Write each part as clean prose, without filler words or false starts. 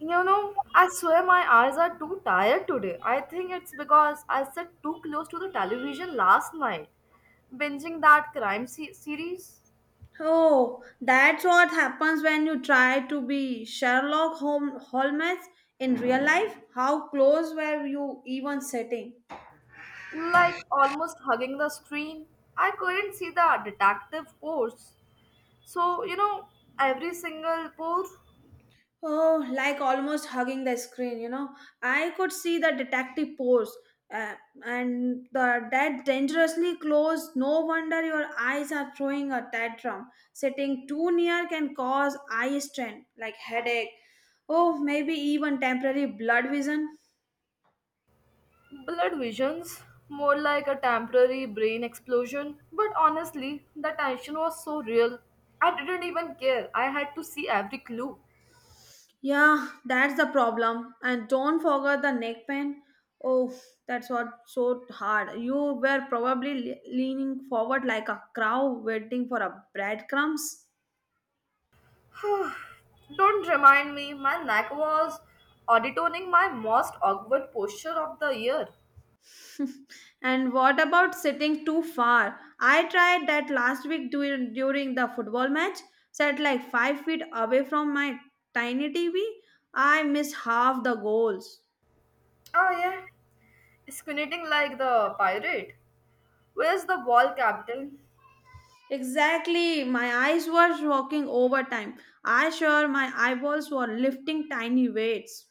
You know, I swear my eyes are too tired today. I think it's because I sat too close to the television last night, binging that series, Oh, that's what happens when you try to be Holmes in real life. How close were you even sitting? like almost hugging the screen. I couldn't see the detective pose. So, you know, every single pore, Oh, like almost hugging the screen, you know. I could see the detective pose uh, and the that dangerously close. No wonder your eyes are throwing a tantrum. Sitting too near can cause eye strain, like headache. Oh, maybe even temporary blood vision. blood visions, more like a temporary brain explosion. But honestly, the tension was so real. I didn't even care. I had to see every clue. Yeah, that's the problem. And don't forget the neck pain. Oh, that's what so hard. You were probably leaning forward like a crow waiting for a breadcrumbs. Don't remind me, my neck was auditoning my most awkward posture of the year. And what about sitting too far? I tried that last week during the football match. Sat like 5 feet away from my tiny TV. I missed half the goals. Oh yeah, squinting like the pirate. Where's the ball, Captain? Exactly. My eyes were working overtime. I sure my eyeballs were lifting tiny weights.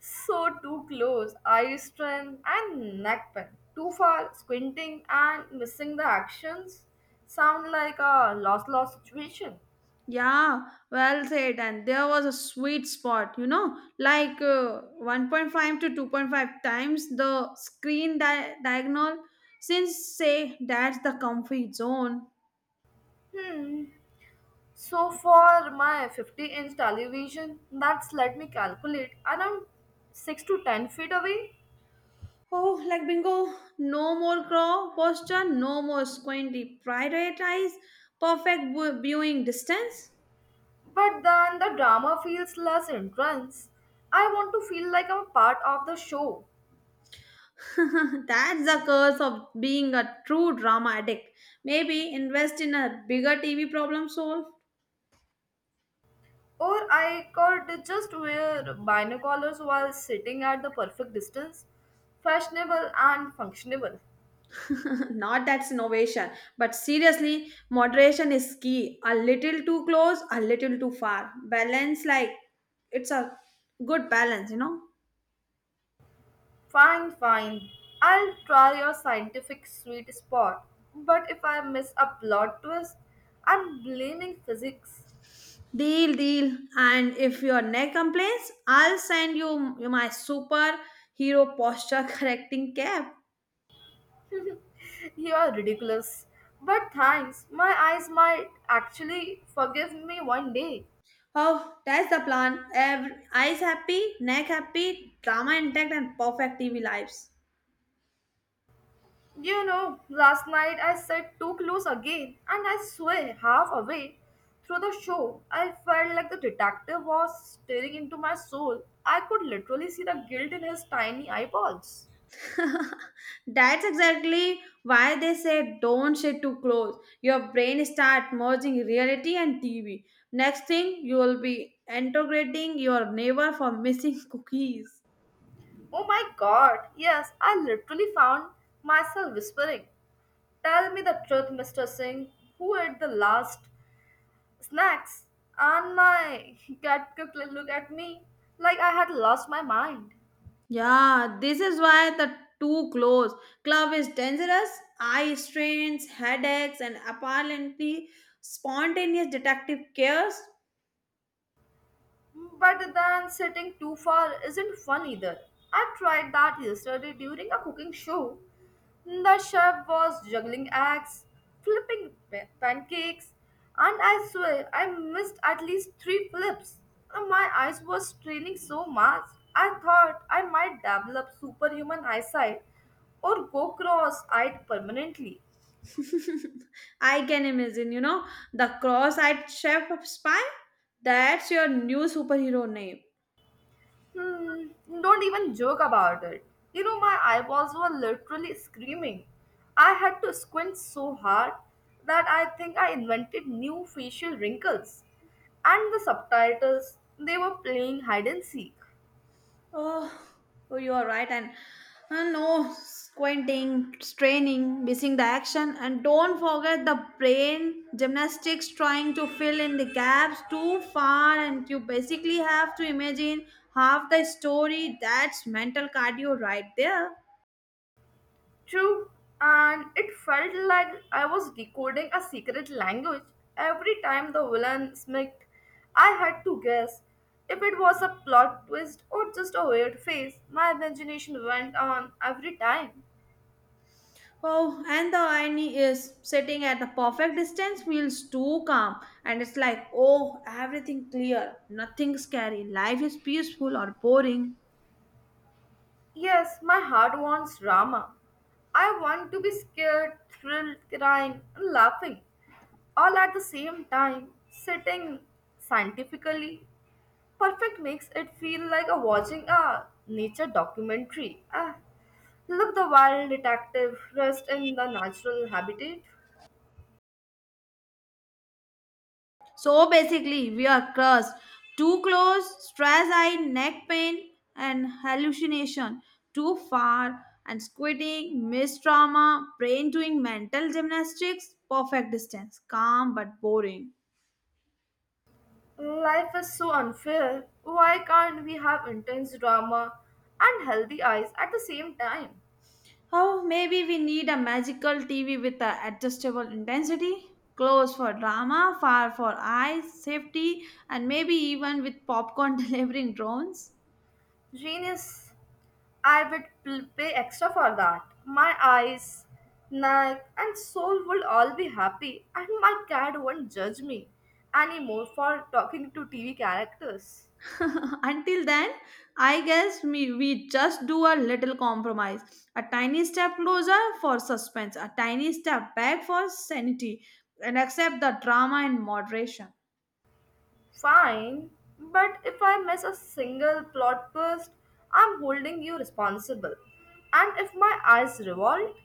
So too close, eye strain and neck pain. Too far, squinting and missing the actions sound like a lost-lost situation. Yeah, well said. And there was a sweet spot, you know, like 1.5 to 2.5 times the screen diagonal. Since, say, that's the comfy zone. Hmm. So for my 50-inch television, that's let me calculate around 6 to 10 feet away. Oh, like bingo, no more crow posture, no more squinty, prioritize perfect viewing distance. But then the drama feels less intense. I want to feel like I'm a part of the show. That's the curse of being a true drama addict. Maybe invest in a bigger TV problem solved. Or I could just wear binoculars while sitting at the perfect distance. Fashionable and functionable. Not that's innovation, but seriously, moderation is key. A little too close, a little too far. Balance, like it's a good balance, you know. Fine, fine. I'll try your scientific sweet spot. But if I miss a plot twist, I'm blaming physics. Deal, deal. And if your neck complains, I'll send you my superhero posture correcting cap. You are ridiculous. But thanks, my eyes might actually forgive me one day. Oh, that's the plan. Every, eyes happy, neck happy, drama intact, and perfect TV lives. You know, last night I sat too close again, and I swear, halfway through the show, I felt like the detective was staring into my soul. I could literally see the guilt in his tiny eyeballs. That's exactly why they say don't sit too close. Your brain start merging reality and TV. Next thing, you will be integrating your neighbor for missing cookies. Oh my god, yes, I literally found myself whispering, "Tell me the truth, Mr. Singh, who ate the last snacks?" And my cat could look at me like I had lost my mind. Yeah, this is why the too close club is dangerous. Eye strains, headaches, and apparently spontaneous detective chaos. But then sitting too far isn't fun either. I tried that yesterday during a cooking show. The chef was juggling eggs, pancakes, and I swear I missed at least three flips. And my eyes were straining so much, I thought I might develop superhuman eyesight or go cross eyed permanently. I can imagine, you know, the cross eyed chef of spy. That's your new superhero name. Hmm, don't even joke about it. You know, my eyeballs were literally screaming. I had to squint so hard that I think I invented new facial wrinkles. And the subtitles, they were playing hide and seek. Oh, oh you are right. And no squinting, straining, missing the action. And don't forget the brain gymnastics trying to fill in the gaps too far. And you basically have to imagine half the story. That's mental cardio right there. True, and it felt like I was decoding a secret language every time the villain smirked. I had to guess if it was a plot twist or just a weird face. My imagination went on every time. Oh, and the irony is sitting at the perfect distance feels too calm, and it's like, oh, everything clear, nothing scary, life is peaceful or boring. Yes, my heart wants drama. I want to be scared, thrilled, crying, and laughing all at the same time, sitting scientifically. Perfect makes it feel like a watching a nature documentary. Ah, look the wild detective rest in the natural habitat. So basically, we are cursed. Too close, stress eye, neck pain, and hallucination. Too far, and squinting, missed trauma, brain doing mental gymnastics, perfect distance, calm but boring. Life is so unfair. Why can't we have intense drama and healthy eyes at the same time? Oh, maybe we need a magical TV with a adjustable intensity, close for drama, far for eyes, safety, and maybe even with popcorn delivering drones. Genius. Pay extra for that. My eyes, neck, and soul would all be happy, and my cat won't judge me anymore for talking to TV characters. Until then, I guess we just do a little compromise. A tiny step closer for suspense, a tiny step back for sanity, and accept the drama in moderation. Fine, but if I miss a single plot twist, I'm holding you responsible. And if my eyes revolt,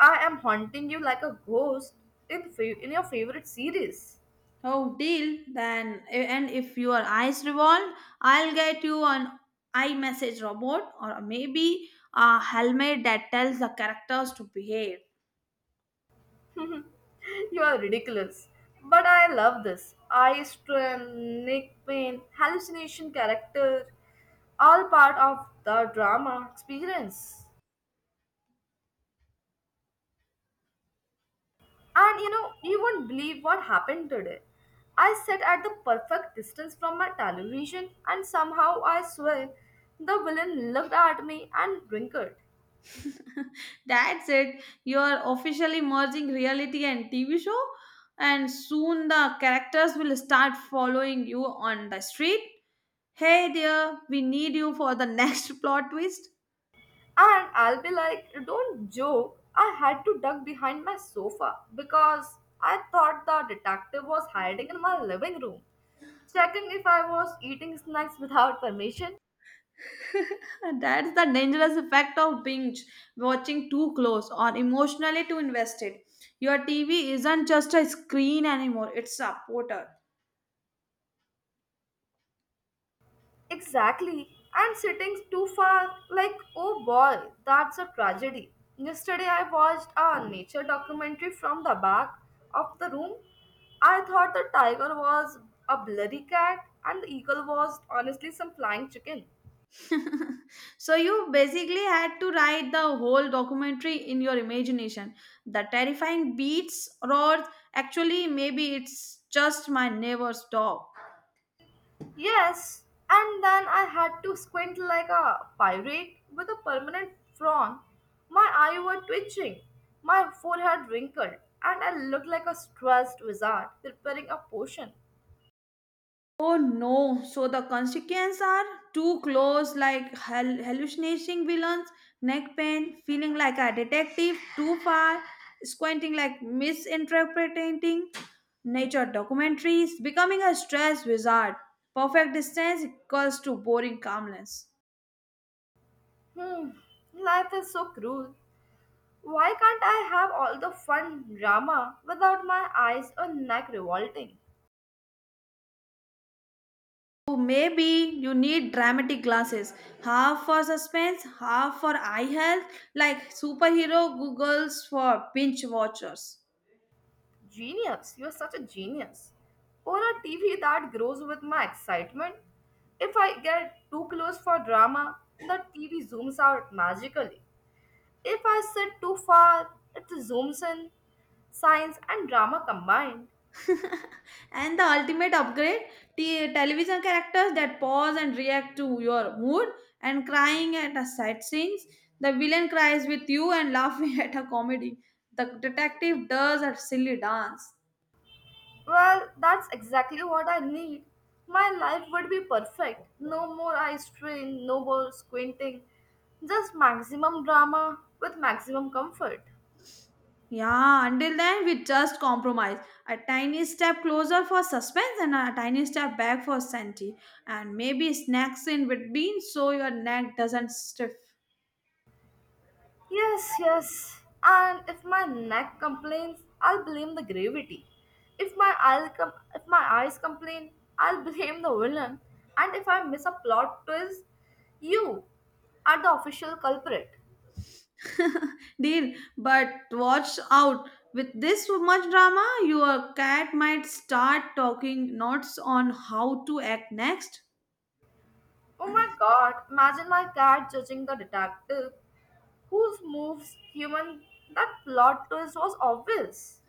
I am haunting you like a ghost in your favorite series. Oh, deal then. And if your eyes revolve, I'll get you an iMessage robot or maybe a helmet that tells the characters to behave. You are ridiculous. But I love this. Eye strain, neck pain, hallucination character, all part of the drama experience. And you know, you won't believe what happened today. I sat at the perfect distance from my television, and somehow I swear the villain looked at me and winked. That's it. You're officially merging reality and TV show, and soon the characters will start following you on the street. Hey, dear, we need you for the next plot twist. And I'll be like, don't joke. I had to duck behind my sofa because I thought the detective was hiding in my living room, checking if I was eating snacks without permission. And that's the dangerous effect of binge watching too close or emotionally too invested. Your TV isn't just a screen anymore, it's a portal. Exactly. And sitting too far, like, oh boy, that's a tragedy. Yesterday, I watched a nature documentary from the back of the room. I thought the tiger was a blurry cat and the eagle was honestly some flying chicken. So you basically had to write the whole documentary in your imagination. The terrifying beats, roars, actually, maybe it's just my neighbor's dog. Yes, and then I had to squint like a pirate with a permanent frown. My eyes were twitching, my forehead wrinkled, and I looked like a stressed wizard preparing a potion. Oh no, so the consequences are too close, like hallucinating villains, neck pain, feeling like a detective, too far, squinting like misinterpreting nature documentaries, becoming a stress wizard. Perfect distance equals to boring calmness. Hmm, life is so cruel. Why can't I have all the fun drama without my eyes or neck revolting? So maybe you need dramatic glasses, half for suspense, half for eye health, like superhero googles for binge watchers. Genius, you're such a genius. Or a TV that grows with my excitement. If I get too close for drama, the TV zooms out magically. If I sit too far, it zooms in. Science and drama combined. And the ultimate upgrade, television characters that pause and react to your mood and crying at a sad scenes. The villain cries with you and laughing at a comedy. The detective does a silly dance. Well, that's exactly what I need. My life would be perfect. No more eye strain, no more squinting. Just maximum drama with maximum comfort. Yeah, until then we just compromise. A tiny step closer for suspense and a tiny step back for sanity. And maybe snacks in between so your neck doesn't stiff. Yes, yes. And if my neck complains, I'll blame the gravity. If my eyes complain, I'll blame the villain. And if I miss a plot twist, you are the official culprit. Deal, but watch out. With this much drama, your cat might start talking notes on how to act next. Oh my god, imagine my cat judging the detective whose moves human that plot twist was obvious.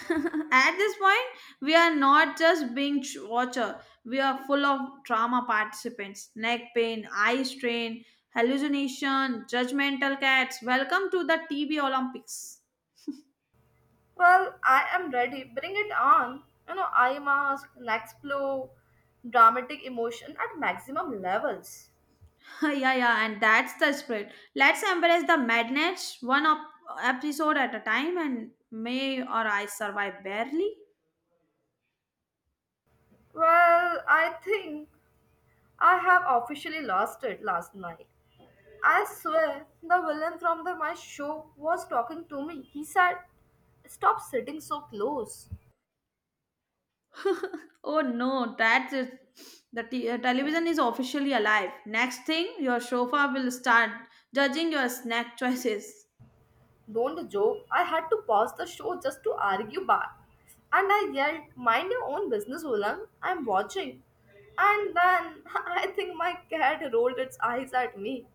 At this point, we are not just binge watcher. We are full of drama participants. Neck pain, eye strain, hallucination, judgmental cats. Welcome to the TV Olympics. Well, I am ready. Bring it on. You know, I mask, next blow, dramatic emotion at maximum levels. Yeah, yeah, and that's the spirit. Let's embrace the madness one up episode at a time and may or I survive barely. Well, I think I have officially lost it last night. I swear, the villain from my show was talking to me. He said, "Stop sitting so close." Oh no, that is the television is officially alive. Next thing, your sofa will start judging your snack choices. Don't joke. I had to pause the show just to argue back. And I yelled, "Mind your own business, Ulang. I'm watching." And then I think my cat rolled its eyes at me.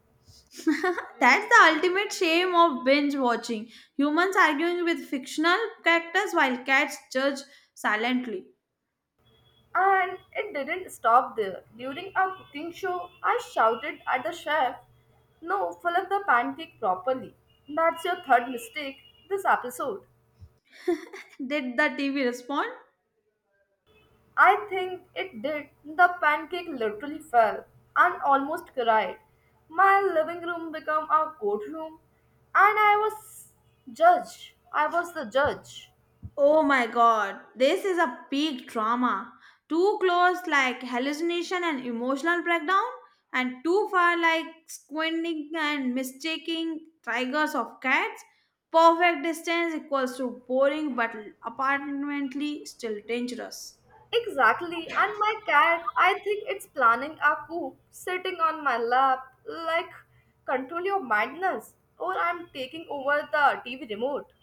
That's the ultimate shame of binge watching. Humans arguing with fictional characters while cats judge silently. And it didn't stop there. During our cooking show, I shouted at the chef, "No, fill up the pancake properly. That's your third mistake this episode." Did the TV respond? I think it did. The pancake literally fell and almost cried. My living room became a courtroom, and I was the judge. Oh my god, this is a peak trauma. Too close, like hallucination and emotional breakdown, and too far, like squinting and mistaking tigers of cats. Perfect distance equals to boring but apparently still dangerous. Exactly, and my cat, I think it's planning a coup, sitting on my lap, like control your madness, or I'm taking over the TV remote.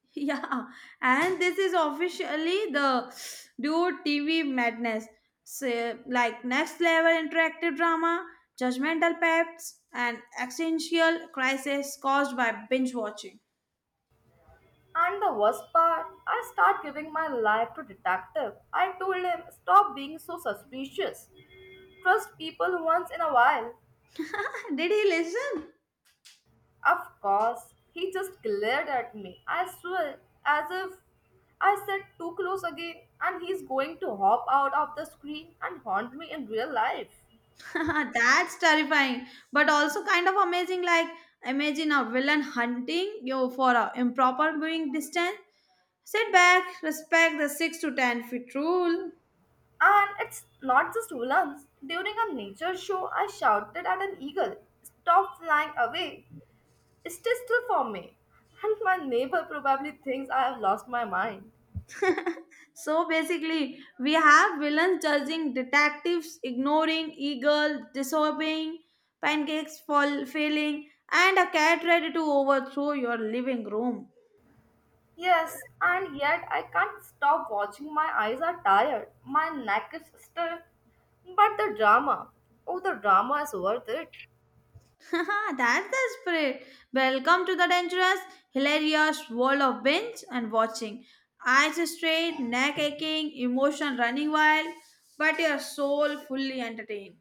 Yeah, and this is officially the dude TV madness. So, like next level interactive drama, judgmental peps, and existential crisis caused by binge watching. And the worst part, I start giving my life to detective. I told him, stop being so suspicious. Trust people once in a while. Did he listen? Of course, he just glared at me. I swear, as if I said too close again, and he's going to hop out of the screen and haunt me in real life. That's terrifying, but also kind of amazing. Like imagine a villain hunting you for a improper viewing distance. Sit back, respect the 6 to 10 feet rule. And it's not just villains. During a nature show, I shouted at an eagle, "Stop flying away, stay still for me." And my neighbor probably thinks I have lost my mind. So basically, we have villains judging, detectives ignoring, eagle disobeying, pancakes fall failing, and a cat ready to overthrow your living room. Yes, and yet I can't stop watching. My eyes are tired, my neck is stiff. But the drama, oh, the drama is worth it. That's the spirit. Welcome to the dangerous, hilarious world of binge and watching. Eyes straight, neck aching, emotion running wild, but your soul fully entertained.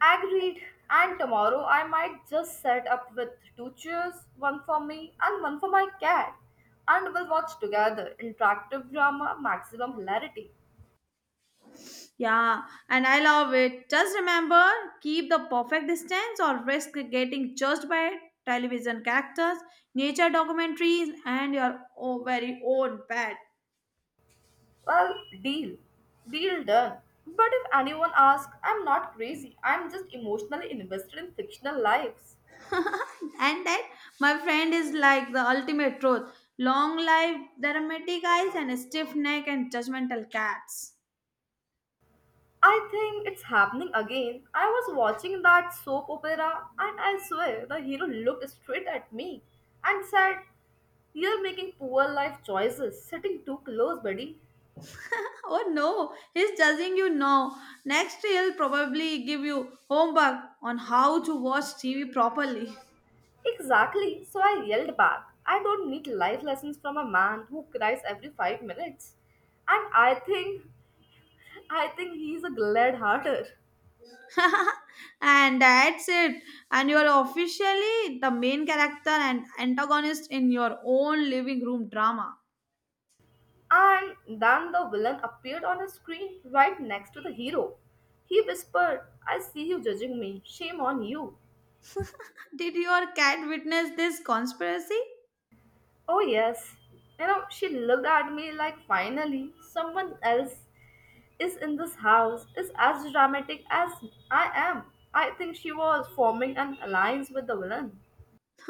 Agreed. And tomorrow I might just set up with two chairs, one for me and one for my cat. And we'll watch together interactive drama, maximum hilarity. Yeah, and I love it. Just remember, keep the perfect distance or risk getting judged by television characters, nature documentaries, and your very own pet. Well, deal. Deal done. But if anyone asks, I'm not crazy. I'm just emotionally invested in fictional lives. And that, my friend, is like the ultimate truth. Long life, dramatic eyes, and a stiff neck and judgmental cats. I think it's happening again. I was watching that soap opera and I swear the hero looked straight at me and said, "You're making poor life choices, sitting too close, buddy." Oh no, he's judging you now. Next, he'll probably give you homework on how to watch TV properly. Exactly, so I yelled back. I don't need life lessons from a man who cries every 5 minutes. And I think he's a glad hearter. And that's it. And you are officially the main character and antagonist in your own living room drama. And then the villain appeared on the screen right next to the hero. He whispered, "I see you judging me. Shame on you." Did your cat witness this conspiracy? Oh, yes. You know, she looked at me like finally someone else is in this house, is as dramatic as I am. I think she was forming an alliance with the villain.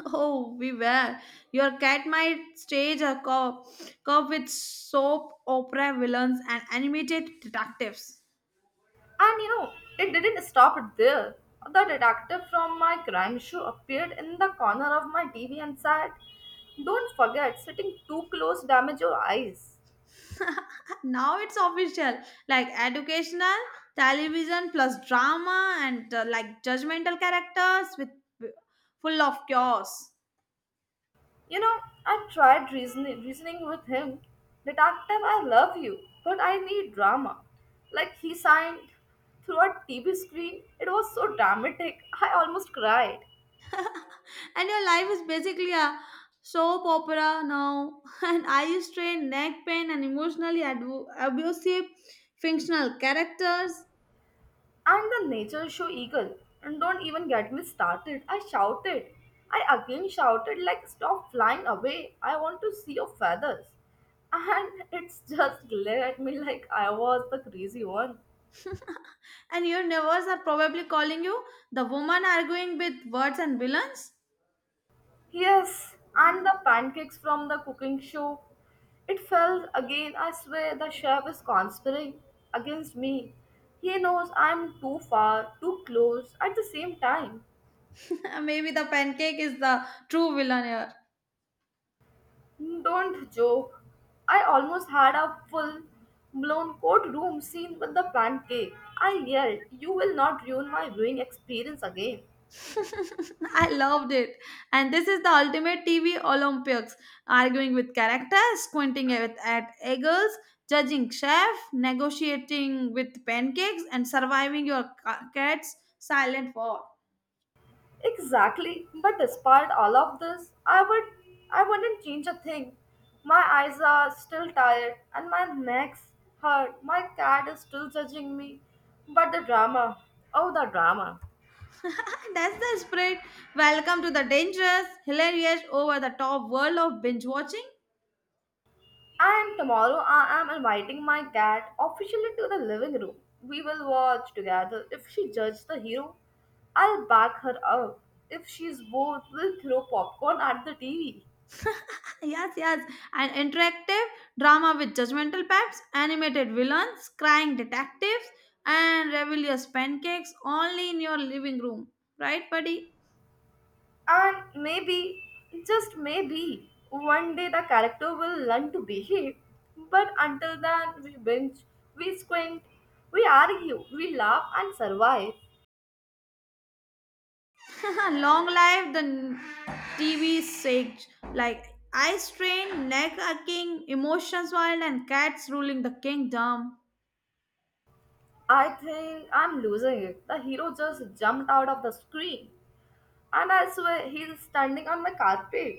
Oh, we were. Your cat might stage a cop with soap opera villains and animated detectives. And you know, it didn't stop there. The detective from my crime show appeared in the corner of my TV and said, "Don't forget, sitting too close damage your eyes." Now it's official, like educational television plus drama and like judgmental characters with full of chaos. You know, I tried reasoning with him. Detective, I love you, but I need drama. Like he signed through a TV screen. It was so dramatic. I almost cried. And your life is basically a soap opera now and eye strain neck pain and emotionally abusive fictional characters And the nature show eagle. And don't even get me started. I shouted. I again shouted like stop flying away. I want to see your feathers. And it's just glare at me like I was the crazy one. and your neighbors are probably calling you the woman arguing with words and villains. Yes, and the pancakes from the cooking show. It fell again. I swear the chef is conspiring against me. He knows I'm too far, too close at the same time. Maybe the pancake is the true villain Don't joke. I almost had a full blown courtroom scene with the pancake. I yelled, "You will not ruin my viewing experience again." I loved it. And this is the ultimate TV Olympics arguing with characters, squinting at eagles, judging chef, negotiating with pancakes, and surviving your cat's silent war. Exactly. But despite all of this, I wouldn't change a thing. My eyes are still tired and my neck's hurt. My cat is still judging me. But the drama. Oh the drama. That's the spirit. Welcome to the dangerous, hilarious, over the top world of binge watching. And tomorrow I am inviting my cat officially to the living room. We will watch together. If she judges the hero, I'll back her up. If she's bored, we'll throw popcorn at the TV. Yes, yes. An interactive drama with judgmental paps, animated villains, crying detectives, and rebellious pancakes only in your living room. Right, buddy? And maybe, just maybe, one day the character will learn to behave. But until then, we binge, we squint, we argue, we laugh and survive. Long live the TV sage. Like eye strain, neck aching, emotions wild, and cats ruling the kingdom. I think I'm losing it. The hero just jumped out of the screen. And I swear he's standing on the carpet.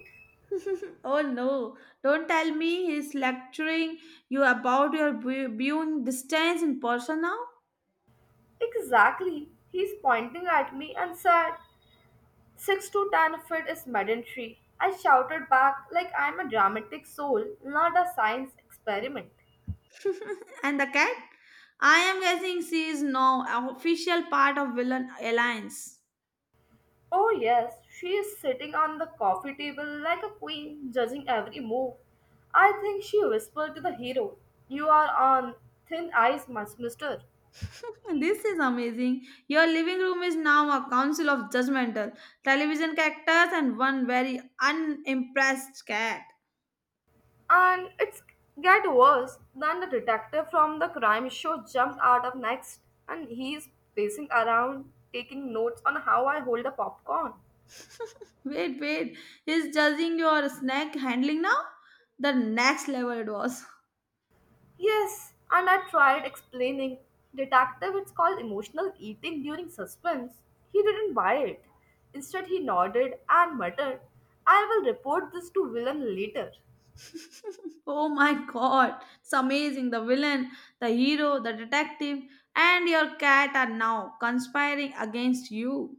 Oh no, don't tell me he's lecturing you about your viewing distance in person now. Exactly. He's pointing at me and said, "6 to 10 feet is mandatory." I shouted back like I'm a dramatic soul, not a science experiment. And the cat? I am guessing she is now an official part of Villain Alliance. Oh, yes, she is sitting on the coffee table like a queen, judging every move. I think she whispered to the hero, "You are on thin ice, mister." This is amazing. Your living room is now a council of judgmental television characters and one very unimpressed cat. And it's get worse than the detective from the crime show jumped out of next, and he's pacing around, taking notes on how I hold the popcorn. Wait, wait. He's judging your snack handling now? The next level it was. Yes, and I tried explaining. "Detective, it's called emotional eating during suspense." He didn't buy it. Instead, he nodded and muttered, "I will report this to villain later." Oh my god. It's amazing. The villain, the hero, the detective, and your cat are now conspiring against you.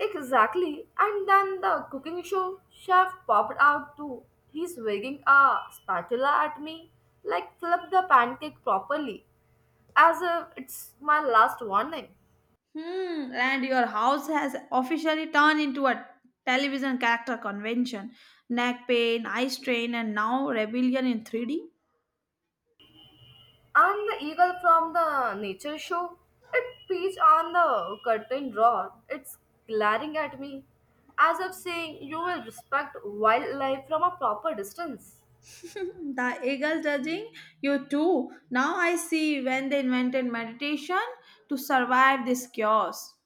Exactly. And then the cooking show chef popped out too. He's wagging a spatula at me, like flip the pancake properly, as if it's my last warning. Hmm, and your house has officially turned into a television character convention. Neck pain, eye strain, and now rebellion in 3D. And the eagle from the nature show, it perched on the curtain rod. It's glaring at me, as if saying, "You will respect wildlife from a proper distance." The eagle judging you too. Now I see when they invented meditation to survive this chaos.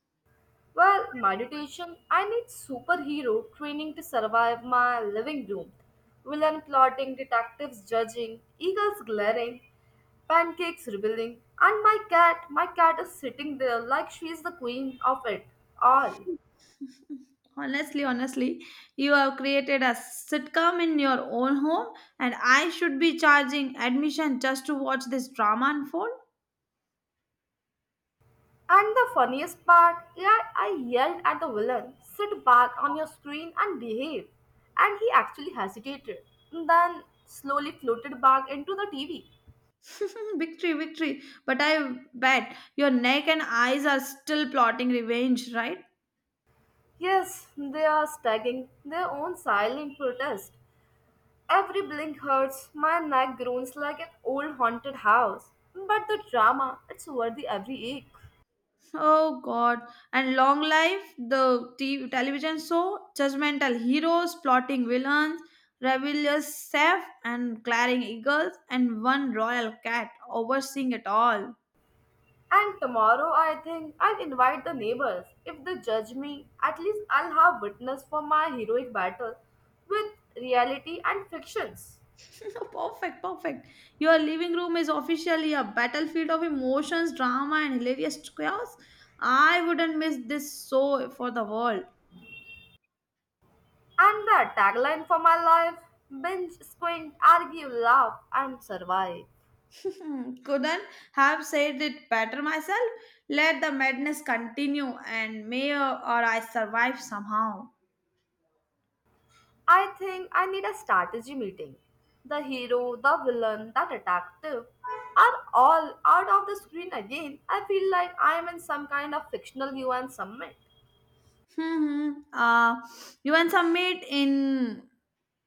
Well, meditation, I need superhero training to survive my living room. Villain plotting, detectives judging, eagles glaring, pancakes rebelling, and my cat is sitting there like she is the queen of it all. Honestly, honestly, you have created a sitcom in your own home, and I should be charging admission just to watch this drama unfold. And the funniest part, yeah, I yelled at the villain, "Sit back on your screen and behave." And he actually hesitated, then slowly floated back into the TV. Victory, victory. But I bet your neck and eyes are still plotting revenge, right? Yes, they are stagging their own silent protest. Every blink hurts, my neck groans like an old haunted house. But the drama, it's worthy every ache. Oh God. And long life, the television show, judgmental heroes, plotting villains, rebellious chef, and glaring eagles, and one royal cat overseeing it all. And tomorrow, I think I'll invite the neighbors. If they judge me, at least I'll have witness for my heroic battle with reality and fictions. Perfect, perfect. Your living room is officially a battlefield of emotions, drama, and hilarious chaos. I wouldn't miss this show for the world. And the tagline for my life: binge, squint, argue, laugh, and survive. Hmm, couldn't have said it better myself. Let the madness continue, and may or I survive somehow. I think I need a strategy meeting. The hero, the villain, the detective are all out of the screen again. I feel like I am in some kind of fictional UN summit. Hmm. You want some meat in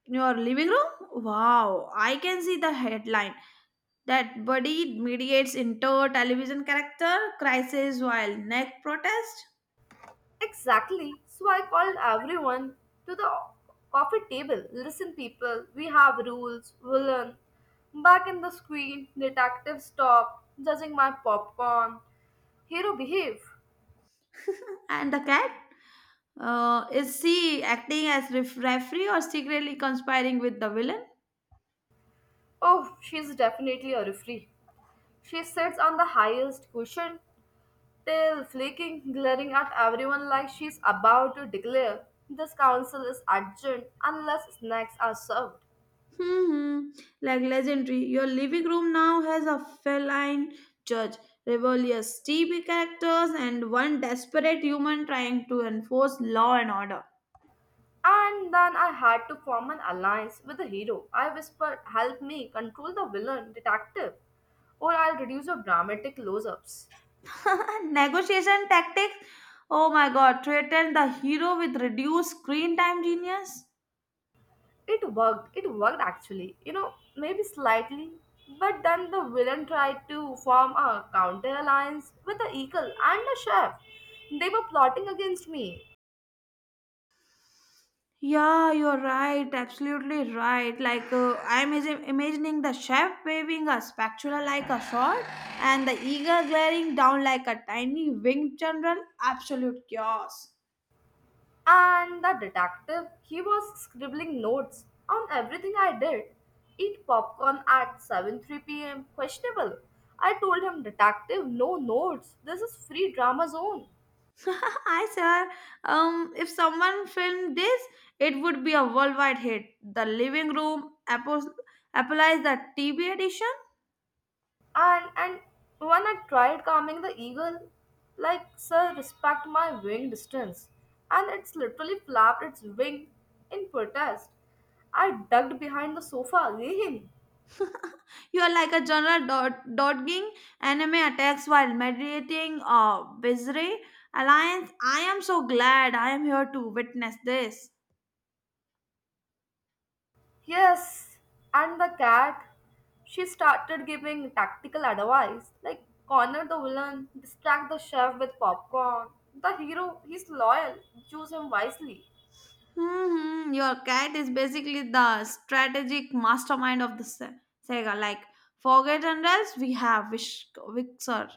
your living room? Wow, I can see the headline. That buddy mediates into television character crisis while neck protest. Exactly. So I called everyone to the coffee table. "Listen, people, we have rules. We learn. Back in the screen, detective stopped, judging my popcorn. Hero, behave." And the cat? Is she acting as referee or secretly conspiring with the villain? Oh, she's definitely a referee. She sits on the highest cushion, tail flaking, glaring at everyone like she's about to declare, "This council is urgent unless snacks are served." Hmm. Like legendary, your living room now has a feline judge, rebellious TV characters, and one desperate human trying to enforce law and order. And then I had to form an alliance with the hero. I whispered, "Help me control the villain, detective, or I'll reduce your dramatic close ups." Negotiation tactics? Oh my god, threaten the hero with reduced screen time genius? It worked. It worked actually. You know, maybe slightly. But then the villain tried to form a counter alliance with the eagle and the chef. They were plotting against me. Yeah, you're right. Absolutely right. Like I'm imagining the chef waving a spatula like a sword, and the eagle glaring down like a tiny winged general. Absolute chaos. And the detective, he was scribbling notes on everything I did. "Eat popcorn at seven three p.m. Questionable." I told him, "Detective, no notes. This is free drama zone." Hi, sir. If someone filmed this, it would be a worldwide hit. The living room apples applies the TV edition. And when I tried calming the eagle, like, "Sir, respect my wing distance," and it's literally flapped its wing in protest. I ducked behind the sofa again. You are like a general dodging enemy attacks while meditating Bizarre Alliance. I am so glad I am here to witness this. Yes, and the cat, she started giving tactical advice like, "Corner the villain, distract the chef with popcorn. The hero, he's loyal, choose him wisely." Hmm. Your cat is basically the strategic mastermind of the Sega. Like, forget generals, we have Vixer.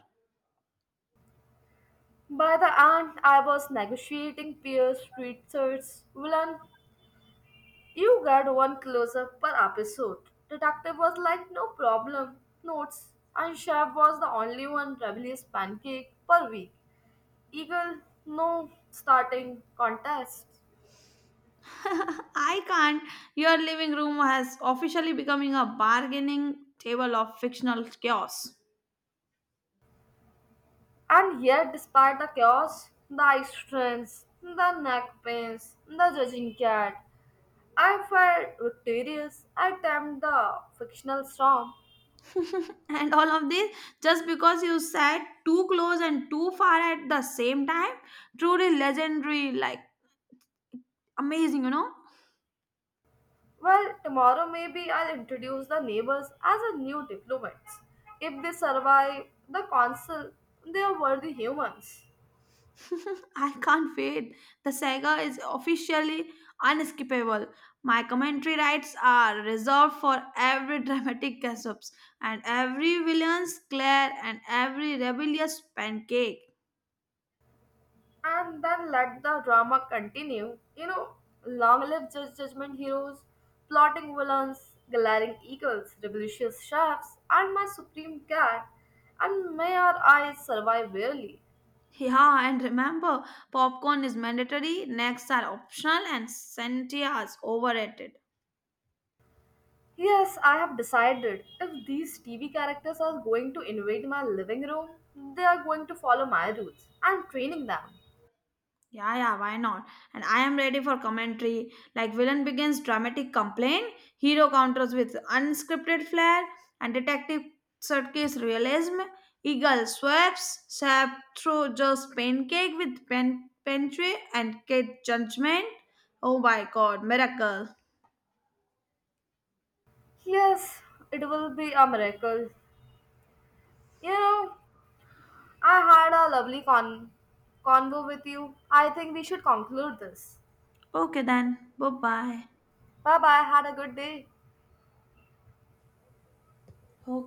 By the end, I was negotiating peer street search. "Villain, you get one close up per episode." Detective was like, "No problem, notes." And chef was the only one rebellious pancake per week. "Eagle, no starting contest." I can't. Your living room has officially becoming a bargaining table of fictional chaos. And yet, despite the chaos, the eye strains, the neck pains, the judging cat, I felt victorious. I tamed the fictional storm. And all of this just because you sat too close and too far at the same time truly legendary like amazing you know. Well, tomorrow maybe I'll introduce the neighbors as a new diplomats. If they survive the council, they are worthy humans. I can't wait. The saga is officially unskippable. My commentary rights are reserved for every dramatic gasps and every villain's glare and every rebellious pancake. And then let the drama continue. You know, long live judge judgment heroes, plotting villains, glaring eagles, rebellious chefs, and my supreme cat. And may our eyes survive barely. Yeah, and remember, popcorn is mandatory, necks are optional and sentia is overrated. Yes, I have decided if these TV characters are going to invade my living room, they are going to follow my rules. I'm training them. Yeah, yeah, why not? And I am ready for commentary. Like villain begins dramatic complaint, hero counters with unscripted flair, and detective circus realism. Eagle swaps sap through just pancake with pen pantry and kid judgment. Oh my god, miracle. Yes, it will be a miracle. You know, I had a lovely convo with you. I think we should conclude this. Okay then. Bye bye. Bye bye. Had a good day. Okay.